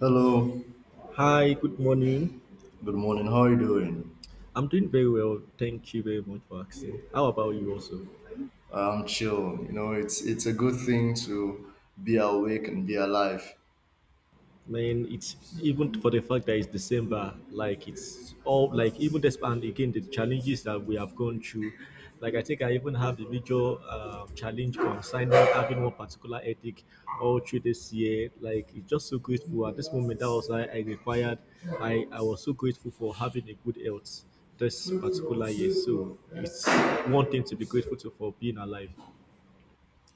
Hello, Hi, good morning. good morning. How are you doing? I'm doing very well. Thank you very much for asking. How about you also? I'm chill. It's a good thing to be awake and be alive. Man, it's even for the fact that it's December, like it's all like even this and again the challenges that we have gone through. Like I think I even have a major challenge concerning having one particular ethic all through this year. Like it's just so grateful at this moment. That was I required. I was so grateful for having a good health this particular year. So it's one thing to be grateful to for being alive.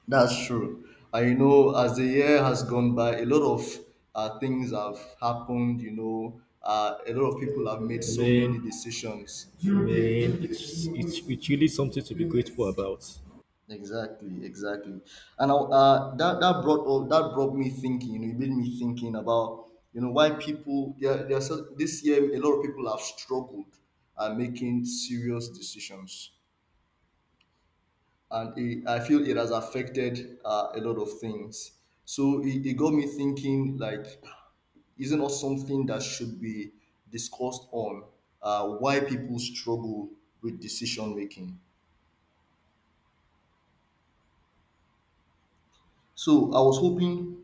That's true. And you know as the year has gone by, a lot of things have happened. You know, a lot of people have made so Man, many decisions. man, it's really something to be grateful about. Exactly, exactly. And I, that that brought up, that brought me thinking. You know, it made me thinking about you know why people there are so, this year a lot of people have struggled at making serious decisions, and I feel it has affected a lot of things. So it got me thinking like, isn't it something that should be discussed on, why people struggle with decision making? So I was hoping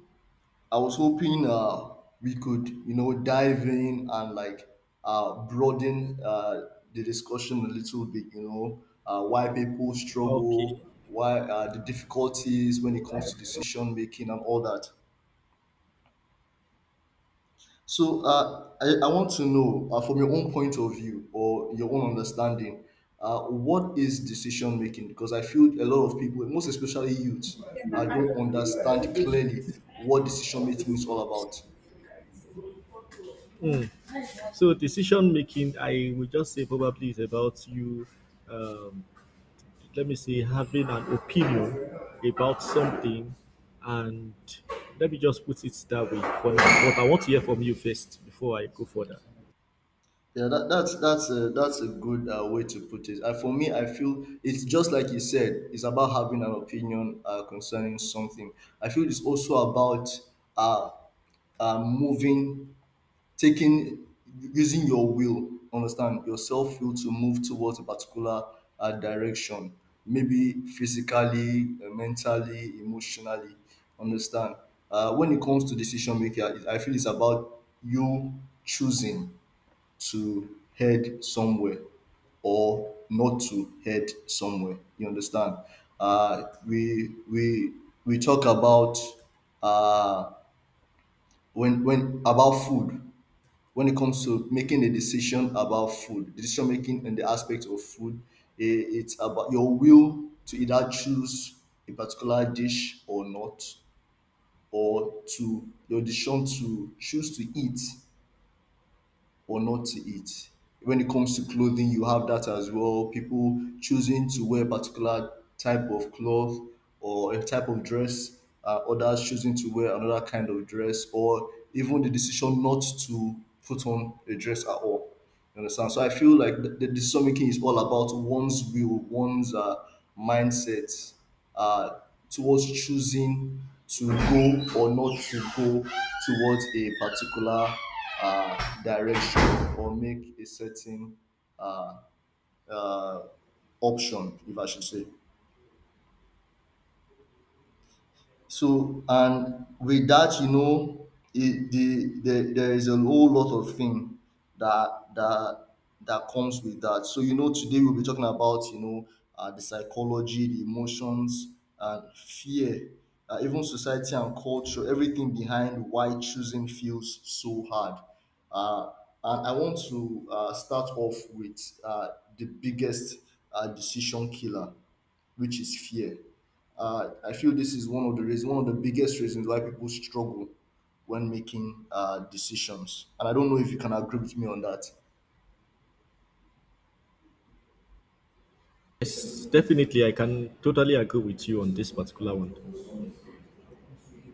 I was hoping uh, we could, you know, dive in and broaden the discussion a little bit. You know, why people struggle, Okay, why the difficulties when it comes to decision making and all that. So I want to know from your own point of view or your own understanding, what is decision making? Because I feel a lot of people, most especially youths, don't understand clearly what decision making is all about. so decision making, I would just say probably is about you. Um, Let me say having an opinion about something, and let me just put it that way for now. But I want to hear from you first before I go further. That's a good way to put it. For me, I feel it's just like you said. It's about having an opinion concerning something. I feel it's also about uh, moving, taking, using your will. Understand your self will to move towards a particular direction. Maybe physically, mentally, emotionally. Understand. When it comes to decision making, I feel it's about you choosing to head somewhere or not to head somewhere. You understand? We we talk about uh, when about food, when it comes to making a decision about food, decision making in the aspect of food. It's about your will to either choose a particular dish or not, or to your decision to choose to eat or not to eat. When it comes to clothing, you have that as well. People choosing to wear a particular type of cloth or a type of dress, others choosing to wear another kind of dress, or even the decision not to put on a dress at all. You understand? So I feel like the decision making is all about one's will, one's mindset uh, towards choosing to go or not to go towards a particular direction or make a certain uh, uh, option, if I should say. So, and with that, you know, the there is a whole lot of thing that that that comes with that. So, you know, today we'll be talking about you know the psychology, the emotions, and fear, even society and culture, everything behind why choosing feels so hard. Uh, and I want to start off with the biggest decision killer, which is fear. I feel this is one of the reasons, one of the biggest reasons why people struggle when making decisions. And I don't know if you can agree with me on that. Yes, definitely, I can totally agree with you on this particular one.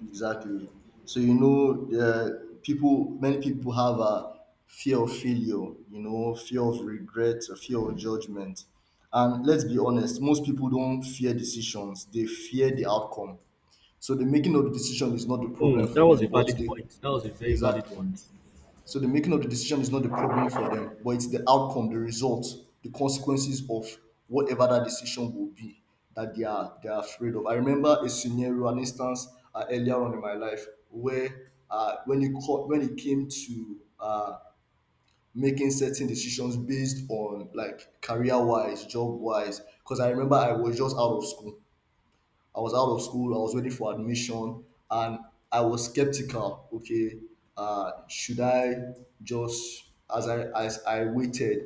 Exactly. So you know, many people have a fear of failure, you know, fear of regret, a fear of judgment. And let's be honest, most people don't fear decisions; they fear the outcome. So the making of the decision is not the Hmm, problem for that was them, a but valid they... point. That was a very valid Exactly. point. So the making of the decision is not the problem for them, but it's the outcome, the result, the consequences of whatever that decision will be that they are afraid of. I remember a scenario, an instance earlier on in my life where when it came to making certain decisions based on like career wise, job wise, because I remember I was just out of school. I was out of school. I was waiting for admission, and I was skeptical. Okay, should I just as I waited,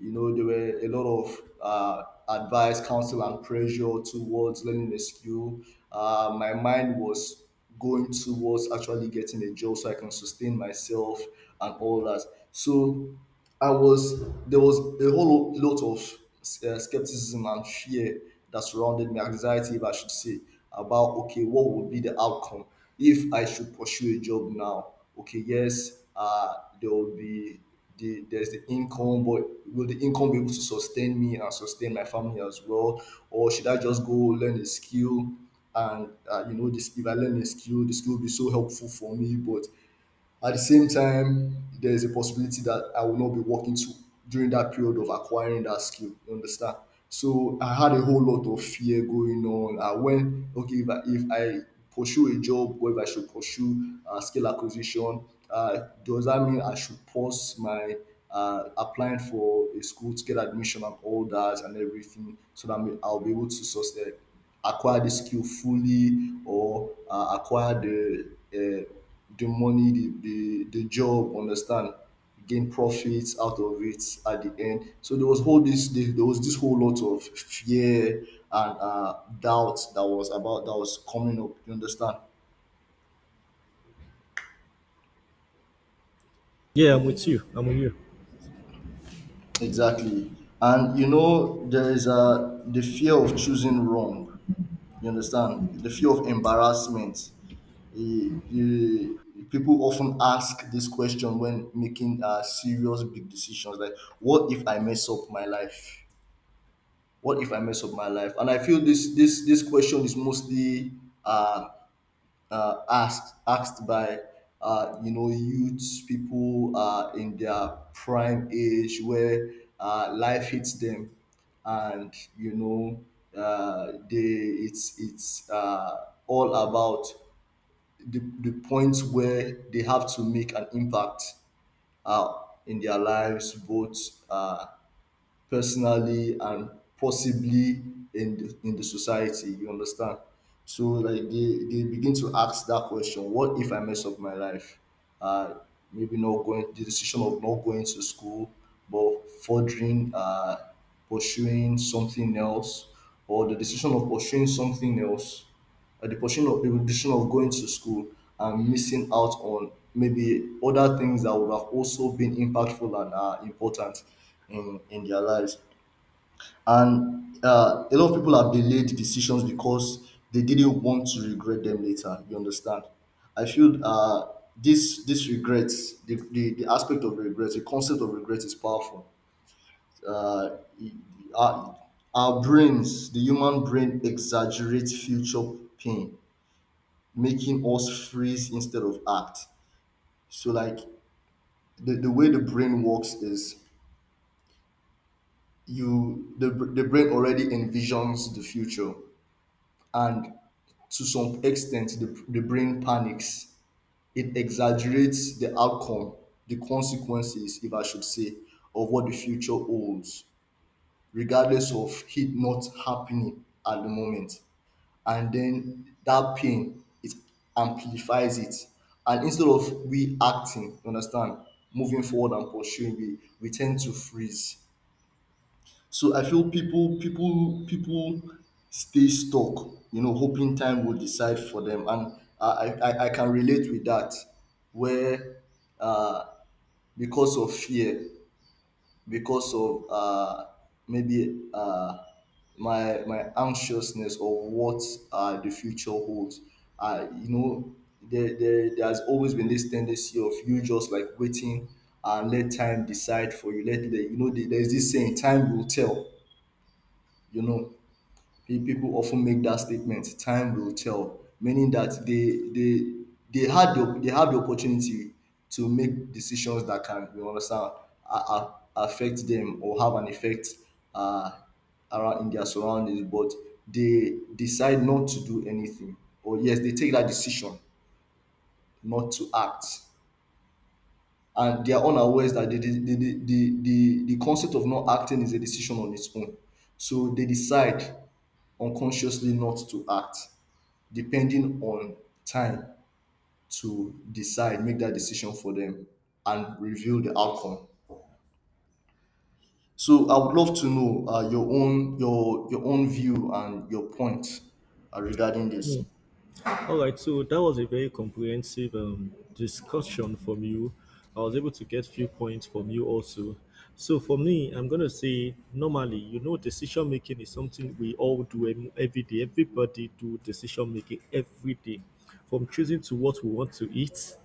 you know, there were a lot of advice, counsel, and pressure towards learning a skill. My mind was going towards actually getting a job so I can sustain myself and all that. So I was there was a whole lot of skepticism and fear that surrounded me, anxiety, if I should say, about okay, what would be the outcome if I should pursue a job now? Okay, yes, there will be there's the income, but will the income be able to sustain me and sustain my family as well, or should I just go learn a skill? And you know, this if I learn a skill, the skill will be so helpful for me, but at the same time, there is a possibility that I will not be working to during that period of acquiring that skill. You understand? So I had a whole lot of fear going on. I went, okay, if I pursue a job, whether I should pursue skill acquisition, does that mean I should pause my applying for a school to get admission and all that and everything so that I'll be able to sustain, acquire the skill fully or acquire the money the job, understand, gain profits out of it at the end. So there was all this, there was this whole lot of fear and doubt that was about that was coming up, you understand. Yeah, I'm with you. I'm with you. Exactly. And you know, there is a the fear of choosing wrong. You understand? The fear of embarrassment. You, you, People often ask this question when making serious big decisions, like, what if I mess up my life? What if I mess up my life? And I feel this question is mostly uh, asked by you know youths, people in their prime age where life hits them, and you know they it's all about the points where they have to make an impact in their lives, both. Personally and possibly in in the society, you understand. So like they begin to ask that question, what if I mess up my life? uh Maybe not going, the decision of not going to school but furthering, pursuing something else, or the decision of pursuing something else, the portion of the decision of going to school and missing out on maybe other things that would have also been impactful and important in their lives. And a lot of people have delayed decisions because they didn't want to regret them later. You understand? I feel this regrets, the aspect of regrets, the concept of regret is powerful. Uh, it- our, our brains, the human brain, exaggerates future pain, making us freeze instead of act. So like the way the brain works is the brain already envisions the future, and to some extent the brain panics. It exaggerates the outcome, the consequences, if I should say, of what the future holds, regardless of it not happening at the moment. And then that pain, it amplifies it, and instead of we acting, you understand, moving forward and pursuing, we tend to freeze. So I feel people stay stuck, you know, hoping time will decide for them. And I can relate with that, where uh because of fear, because of maybe my my anxiousness of what the future holds. You know, there has always been this tendency of you just like waiting and let time decide for you. You know, there's this saying, time will tell. You know, people often make that statement, time will tell, meaning that they they have the opportunity to make decisions that can, you understand, affect them or have an effect uh, around in their surroundings, but they decide not to do anything. Or yes, they take that decision not to act, and they are unaware that the concept of not acting is a decision on its own. So they decide unconsciously not to act, depending on time to decide, make that decision for them, and reveal the outcome. So I would love to know your own view and your point regarding this. Hmm. All right, so that was a very comprehensive discussion from you. I was able to get few points from you also. So for me, I'm gonna say normally, you know, decision making is something we all do every day. Everybody do decision making every day, from choosing to what we want to eat,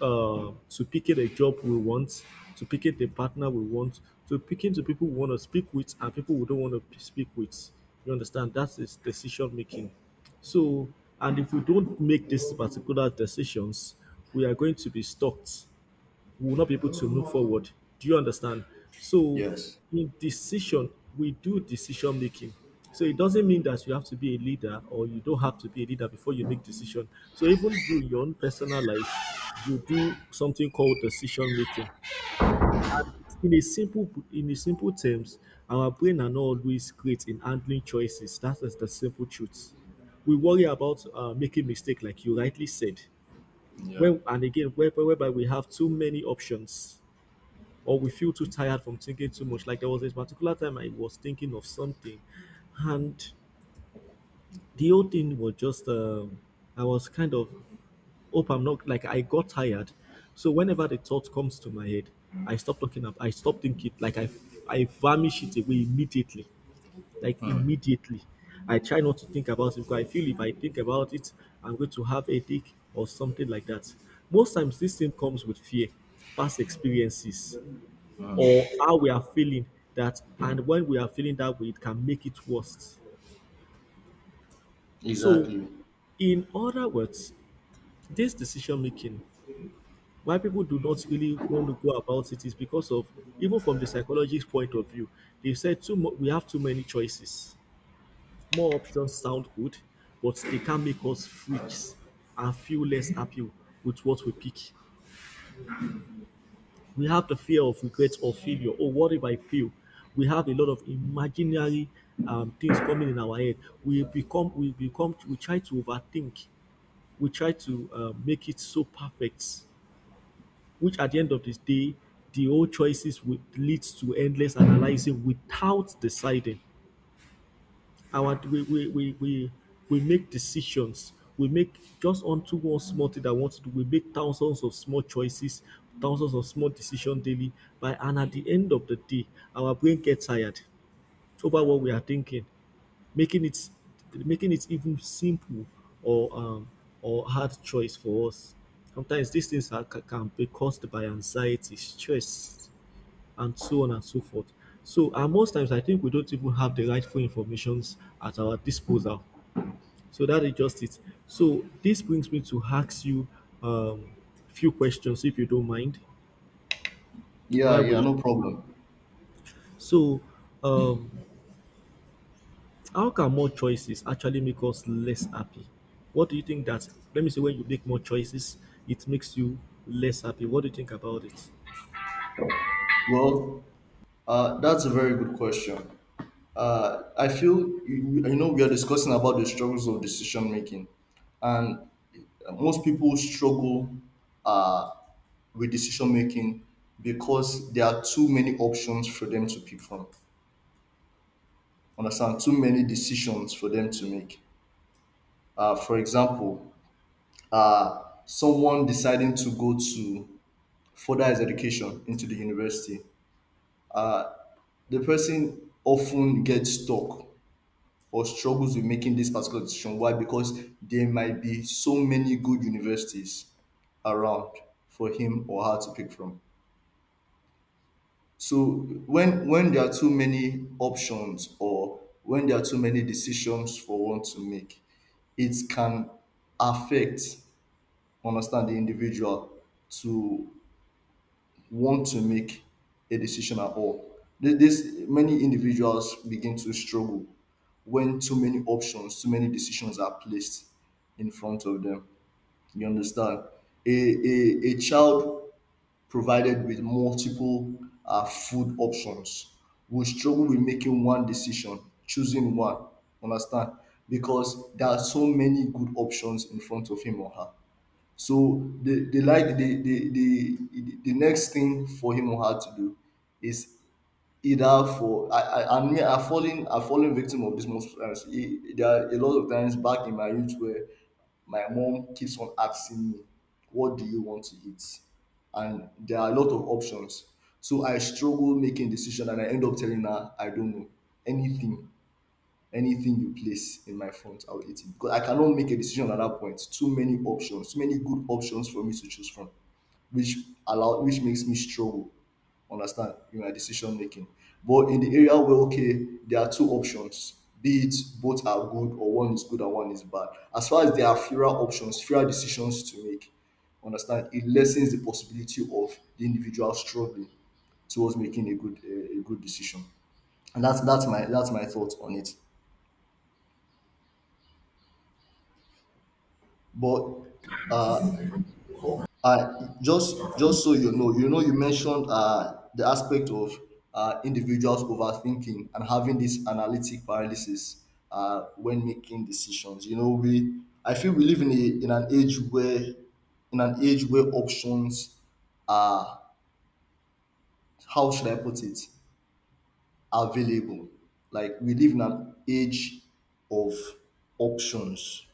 to picking a job we want, to picking the partner we want, to picking the people we want to speak with and people we don't want to speak with. You understand? That is decision making. So, and if we don't make these particular decisions, we are going to be stuck, we will not be able to move forward. Do you understand? So, Yes. in decision, we do decision making. So it doesn't mean that you have to be a leader or you don't have to be a leader before you make decision. So even you, in your own personal life, you do something called decision making. And it's in a simple terms, our brain are not always great in handling choices. That is the simple truth. We worry about making mistake, like you rightly said. Yeah. Well, and again, whereby we have too many options or we feel too tired from thinking too much. Like there was this particular time I was thinking of something, and the whole thing was just I was kind of hope I'm not like I got tired. So whenever the thought comes to my head, I stop talking up. I stop thinking. Like I vanish it away immediately, like Hmm. immediately. I try not to think about it because I feel if I think about it, I'm going to have a headache or something like that. Most times, this thing comes with fear, past experiences, or how we are feeling, that and when we are feeling that way it can make it worse. So Exactly. in other words, this decision making, why people do not really want to go about it is because of, even from the psychologist's point of view, they said too much, we have too many choices. More options sound good, but they can make us freaks and feel less happy with what we pick. We have the fear of regrets or failure, or what if I fail? We have a lot of imaginary things coming in our head. We become, we try to overthink. We try to make it so perfect, which at the end of this day, the old choices would leads to endless analyzing without deciding. Our we make decisions. We make just onto one small thing that we want to do. We make thousands of small choices, thousands of small decisions daily. By and at the end of the day, our brain gets tired over what we are thinking, making it making it even simple or um or hard choice for us. Sometimes these things are, can be caused by anxiety, stress, and so on and so forth. So, and most times, I think we don't even have the rightful informations at our disposal. So that is just it. So this brings me to ask you um, few questions, if you don't mind. Yeah. Why Yeah. we? No problem. So, um, how can more choices actually make us less happy? What do you think that? Let me say, when you make more choices, it makes you less happy. What do you think about it? Well, that's a very good question. I feel you, you know we are discussing about the struggles of decision making, and most people struggle uh, with decision making because there are too many options for them to pick from. Understand? Too many decisions for them to make. For example, someone deciding to go to further his education into the university, the person often gets stuck or struggles with making this particular decision. Why? Because there might be so many good universities around for him or her to pick from. So when there are too many options or when there are too many decisions for one to make, it can affect, understand, the individual to want to make a decision at all. This many individuals begin to struggle when too many options, too many decisions are placed in front of them. You understand? A child provided with multiple food options will struggle with making one decision, choosing one. Understand? Because there are so many good options in front of him or her. So the like the next thing for him or her to do is either for I mean I've fallen victim of this most times. There are a lot of times back in my youth where my mom keeps on asking me, "What do you want to eat?" And there are a lot of options. So I struggle making decision, and I end up telling her, "I don't know anything." Anything you place in my front, I'll eat it because I cannot make a decision at that point. Too many options, too many good options for me to choose from, which which makes me struggle, understand, in my decision making. But in the area where, okay, there are two options, be it both are good or one is good and one is bad, as far as there are fewer options, fewer decisions to make, understand, it lessens the possibility of the individual struggling towards making a good, a good decision. And that's my thought on it, but uh just so you know, you mentioned the aspect of individuals overthinking and having this analytic paralysis when making decisions. You know, we I feel we live in a, in an age where in an age where options are — how should I put it? — available. Like we live in an age of options,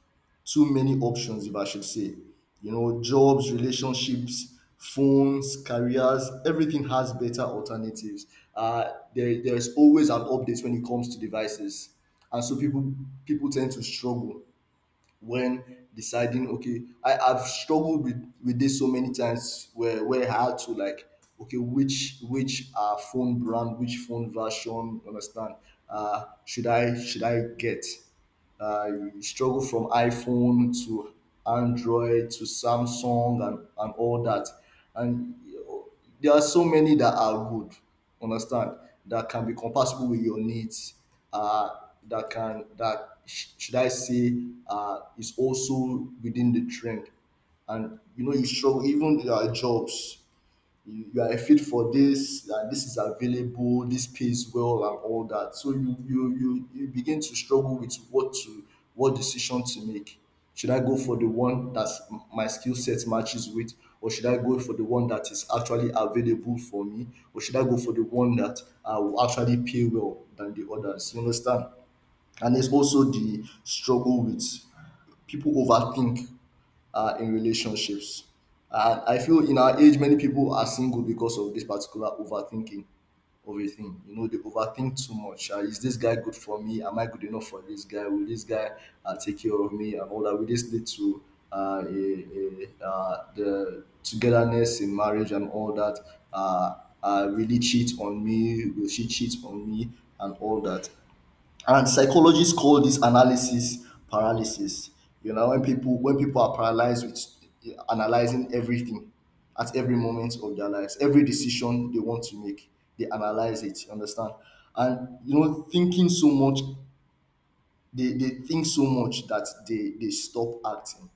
too many options, if I should say. You know, jobs, relationships, phones, careers, everything has better alternatives. There's always an update when it comes to devices, and so people tend to struggle when deciding, okay, I've struggled with this so many times, where I had to, like, okay, which phone brand, which phone version, understand, should I get. You struggle from iPhone to Android to Samsung, and all that. And there are so many that are good, understand, that can be compatible with your needs, uh, that can, should I say, is also within the trend. And, you know, you struggle. Even there are jobs you are fit for, this and this is available, this pays well, and all that. So you begin to struggle with what decision to make. Should I go for the one that my skill set matches with, or should I go for the one that is actually available for me, or should I go for the one that will actually pay well than the others? You understand? And there's also the struggle with people overthink in relationships. And I feel in our age, many people are single because of this particular overthinking of a thing. You know, they overthink too much. Is this guy good for me? Am I good enough for this guy? Will this guy take care of me and all that? Will this lead to the togetherness in marriage and all that? Uh, Really cheat on me? Will she cheat on me and all that? And psychologists call this analysis paralysis. You know, when people are paralyzed with analyzing everything at every moment of their lives. Every decision they want to make, they analyze it. You understand? And, you know, thinking so much, they think so much that they stop acting.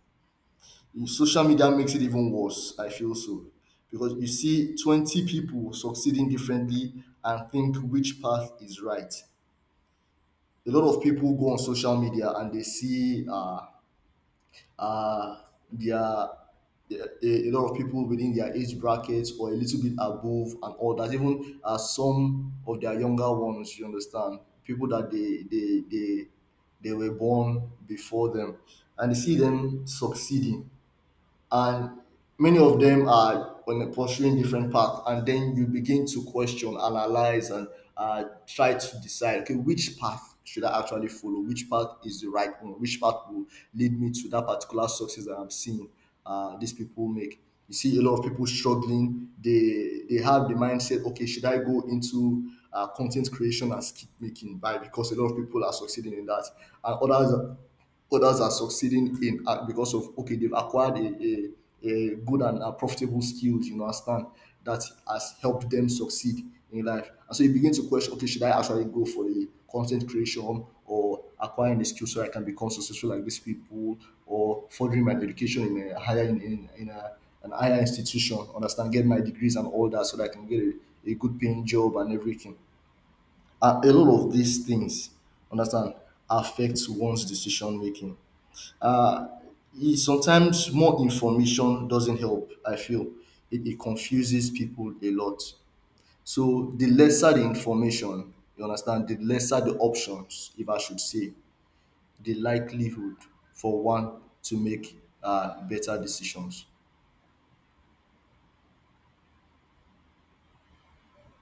In social media makes it even worse, I feel so, because you see 20 people succeeding differently and think which path is right. A lot of people go on social media, and they see uh, their a lot of people within their age brackets or a little bit above, and all that, even some of their younger ones, you understand, people that they were born before them, and they see them succeeding. And many of them are on a pursuing different path, and then you begin to question, analyze, and try to decide, okay, which path should I actually follow, which path is the right one, which path will lead me to that particular success that I'm seeing these people make. You see a lot of people struggling. They have the mindset, okay, should I go into content creation and skip making by because a lot of people are succeeding in that. And others are succeeding in because, of okay, they've acquired a good and profitable skills, understand, that has helped them succeed in life. And so you begin to question, okay, should I actually go for a content creation or acquiring a skill so I can become successful like these people, or furthering my education in a higher, an higher institution, understand, get my degrees and all that so that I can get a good paying job and everything. A lot of these things, understand, affects one's decision making. E Sometimes more information doesn't help, I feel. It confuses people a lot. So the lesser the information, you understand, the lesser the options, if I should say, the likelihood for one to make better decisions.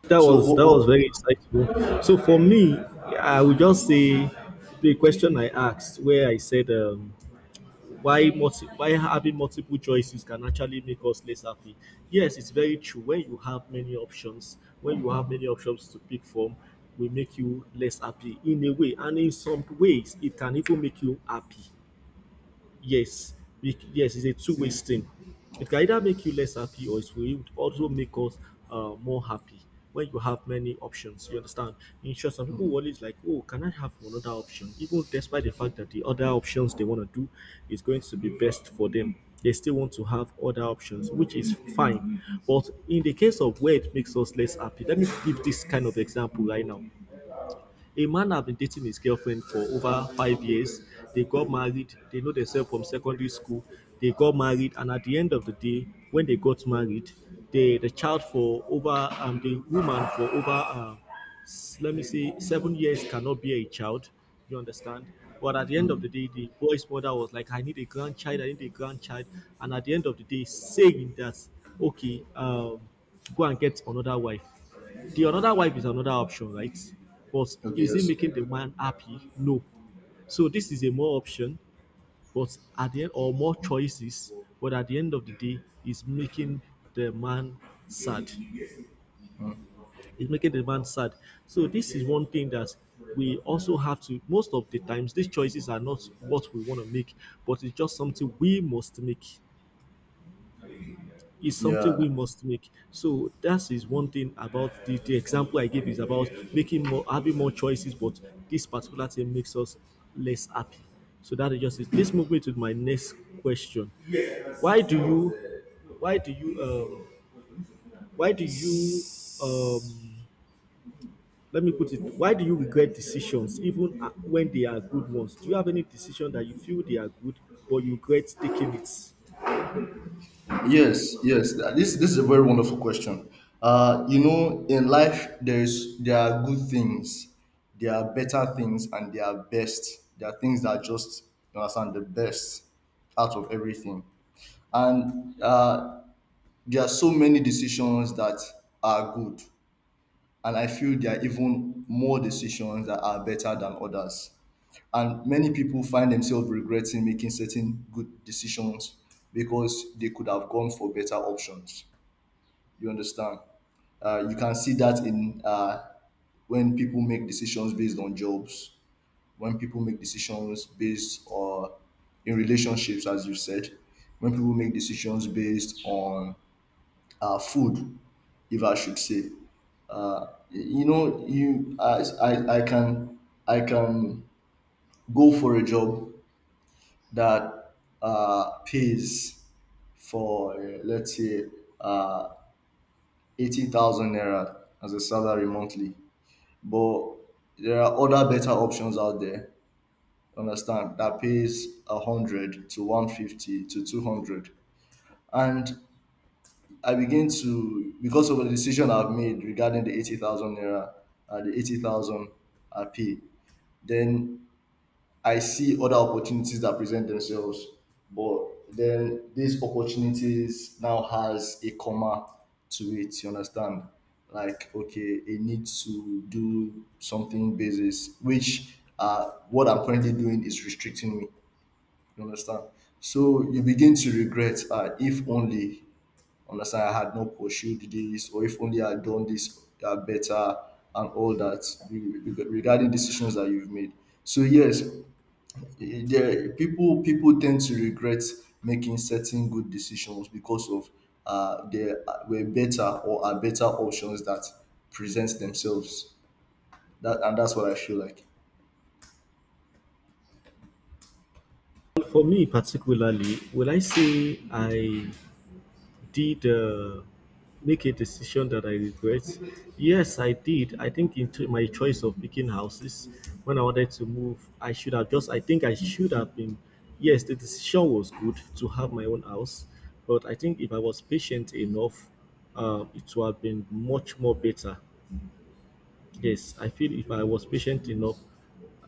That So was what, that was what very insightful. So for me, I would just say the question I asked, where I said why why having multiple choices can actually make us less happy. Yes, it's very true. When you have many options, when you have many options to pick from, will make you less happy in a way, and in some ways, it can even make you happy. Yes, yes, it's a two-way stream. It can either make you less happy or it will also make us more happy when you have many options, you understand. In short, some people always like, oh, can I have another option, even despite the fact that the other options they want to do is going to be best for them, they still want to have other options, which is fine. But in the case of where it makes us less happy, let me give this kind of example right now. A man have been dating his girlfriend for over 5 years. They got married. They know themselves from secondary school. They got married, and at the end of the day, when they got married, they the child for over the woman for over let me say 7 years cannot be a child. You understand? But at the end of the day, the boy's mother was like, "I need a grandchild. I need a grandchild." And at the end of the day, saying that, "Okay, go and get another wife." The another wife is another option, right? But okay. is it Yes. making the man happy? No. So this is a more option, but at the end or more choices, but at the end of the day, is making the man sad. It's making the man sad. So this is one thing that we also have to most of the times these choices are not what we want to make, but it's just something we must make. Is something Yeah. we must make. So that is one thing about the example I gave is about making more having more choices, but this particular thing makes us less happy. So that is just it. This moves me to my next question. Why do you why do you why do you um let me put it, why do you regret decisions even when they are good ones? Do you have any decision that you feel they are good but you regret taking it? Yes, yes. This is a very wonderful question. You know, in life, there are good things, there are better things, and there are best. There are things that are just, you understand, the best out of everything, and there are so many decisions that are good, and I feel there are even more decisions that are better than others. And many people find themselves regretting making certain good decisions because they could have gone for better options, you understand? You can see that in when people make decisions based on jobs, when people make decisions based on, in relationships, as you said, when people make decisions based on food, if I should say. Uh, you know, you I can go for a job that pays for, let's say, uh, 80,000 naira as a salary monthly, but there are other better options out there, understand, that pays a 100 to 150 to 200. And I begin to, because of the decision I've made regarding the 80,000 naira and the 80,000 I pay, then I see other opportunities that present themselves, but then these opportunities now has a comma to it. You understand? Like, okay, it needs to do something basis, which, what I'm currently doing is restricting me. You understand? So you begin to regret. If only, understand, I had not pursued this, or if only I had done this better, and all that, regarding decisions that you've made. So yes, there people tend to regret making certain good decisions because of there were better, or are better, options that present themselves. That's what I feel like. Well, for me particularly, will I say I did make a decision that I regret? Yes, I did. I think in my choice of picking houses when I wanted to move, I should have just. I think I should have been. Yes, the decision was good to have my own house, but I think if I was patient enough, it would have been much more better. Yes, I feel if I was patient enough,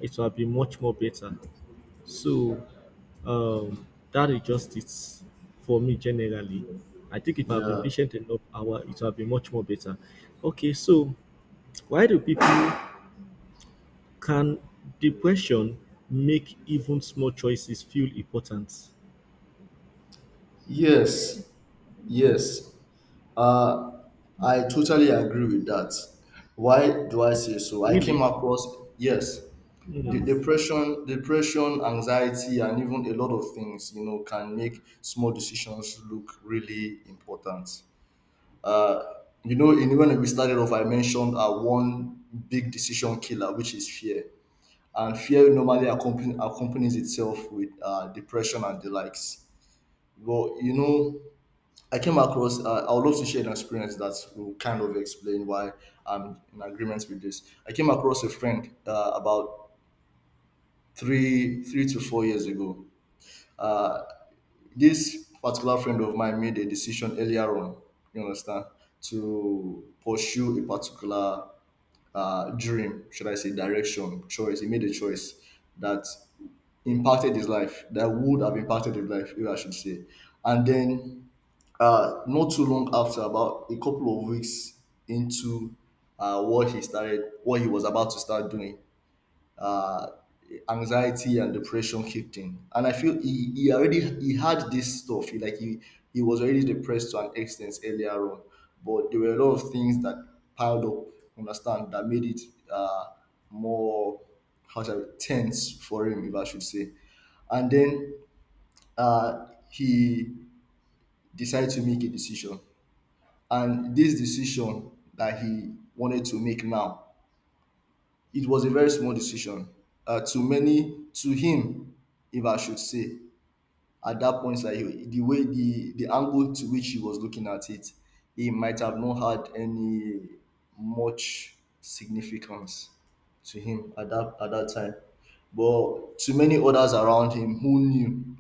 it would have been much more better. So, um, that is just it for me generally. I think if I've been Yeah. patient enough, our it will have been much more better. Okay, so why do people, can depression make even small choices feel important? Yes. Yes. Uh, I totally agree with that. Why do I say so? I came Really? across... Yes, the Hmm. Depression, anxiety, and even a lot of things, you know, can make small decisions look really important. Uh, you know, in when we started off, I mentioned one big decision killer, which is fear. And fear normally accompanies itself with depression and the likes. But, you know, I came across... I would love to share an experience that will kind of explain why I'm in agreement with this. I came across a friend about 3 to 4 years ago. Uh, this particular friend of mine made a decision earlier on, you understand, to pursue a particular dream, should I say, direction, choice. He made a choice that impacted his life, that would have impacted his life, if I should say. And then, not too long after, about a couple of weeks into what he started, what he was about to start doing, uh, anxiety and depression kicked in. And I feel he had this stuff. He like he was already depressed to an extent earlier on, but there were a lot of things that piled up, understand, that made it uh, more — how shall tense for him, if I should say. And then, he decided to make a decision, and this decision that he wanted to make now, it was a very small decision. To many, to him, if I should say, at that point, it's like, the way — the angle to which he was looking at it, he might have not had any much significance to him at that time. But to many others around him who knew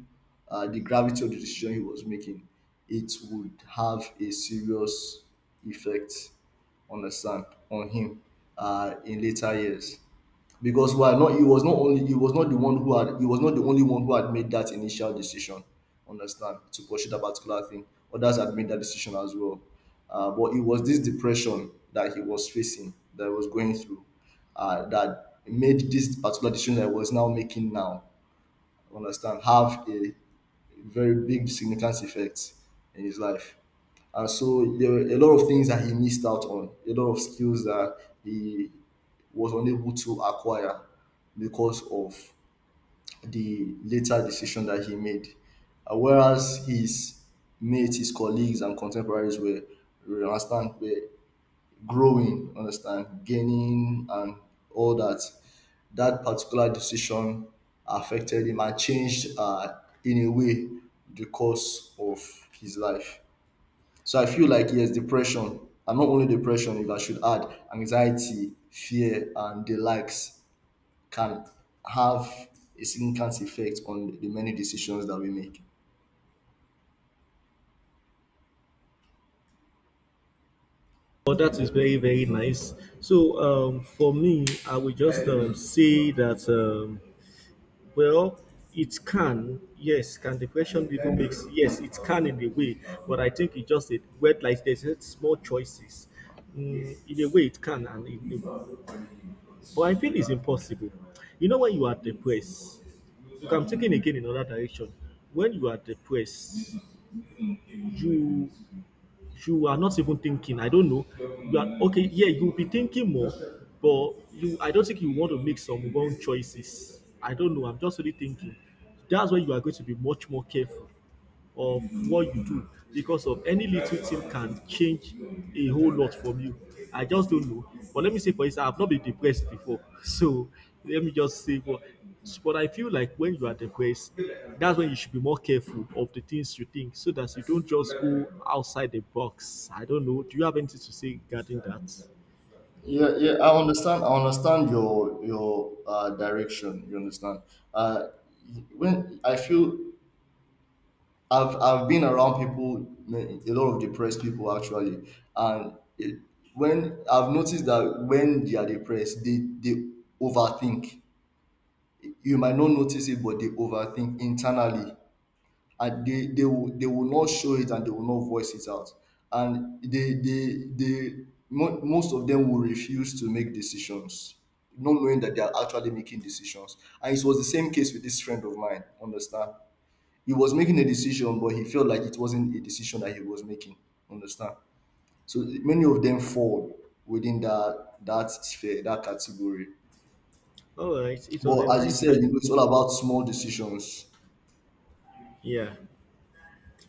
the gravity of the decision he was making, it would have a serious effect on the son, on him, in later years, because why not, he was not the only one who had made that initial decision, understand, to pursue that particular thing. Others had made that decision as well, but it was this depression that he was facing, that he was going through, that made this particular decision that he was now making now, understand, have a very big significant effect in his life. And so there were a lot of things that he missed out on, a lot of skills that he was unable to acquire because of the later decision that he made. Whereas his mates, his colleagues, and contemporaries were, understand, were growing, understand, gaining, and all that. That particular decision affected him and changed, in a way, the course of his life. So I feel like, yes, depression, and not only depression, if I should add, anxiety, fear, and the likes can have a significant effect on the many decisions that we make. Well, that is very, very nice. So, for me, I would just say that well, it can. Yes, can depression even makes yes, it can in a way, but I think it just a word like there's just small choices. Mm, in a way, it can, and it, but I feel it's impossible. You know, when you are depressed, okay, I'm taking again in another direction. When you are depressed, you you are not even thinking. I don't know. You are okay. Yeah, you'll be thinking more, but you. I don't think you want to make some wrong choices. I don't know. I'm just really thinking. That's why you are going to be much more careful of what you do because of any little thing can change a whole lot from you. I just don't know. But let me say, for instance, I've not been depressed before. So let me just say, but I feel like when you are depressed, that's when you should be more careful of the things you think so that you don't just go outside the box. I don't know. Do you have anything to say regarding that? Yeah, yeah, I understand your direction, you understand. uh when I feel, I've been around people, a lot of depressed people actually, and it, when I've noticed that when they are depressed, they overthink. You might not notice it, but they overthink internally, and they will not show it, and they will not voice it out. And most of them will refuse to make decisions, not knowing that they are actually making decisions. And it was the same case with this friend of mine, understand. He was making a decision, but he felt like it wasn't a decision that he was making, understand. So many of them fall within that sphere, that category. All right. It was a But as you nice said, you time. know, it's all about small decisions. Yeah.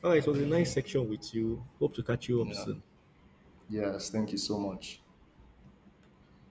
All right. It was a nice section with you. Hope to catch you up Yeah. soon. Yes. Thank you so much.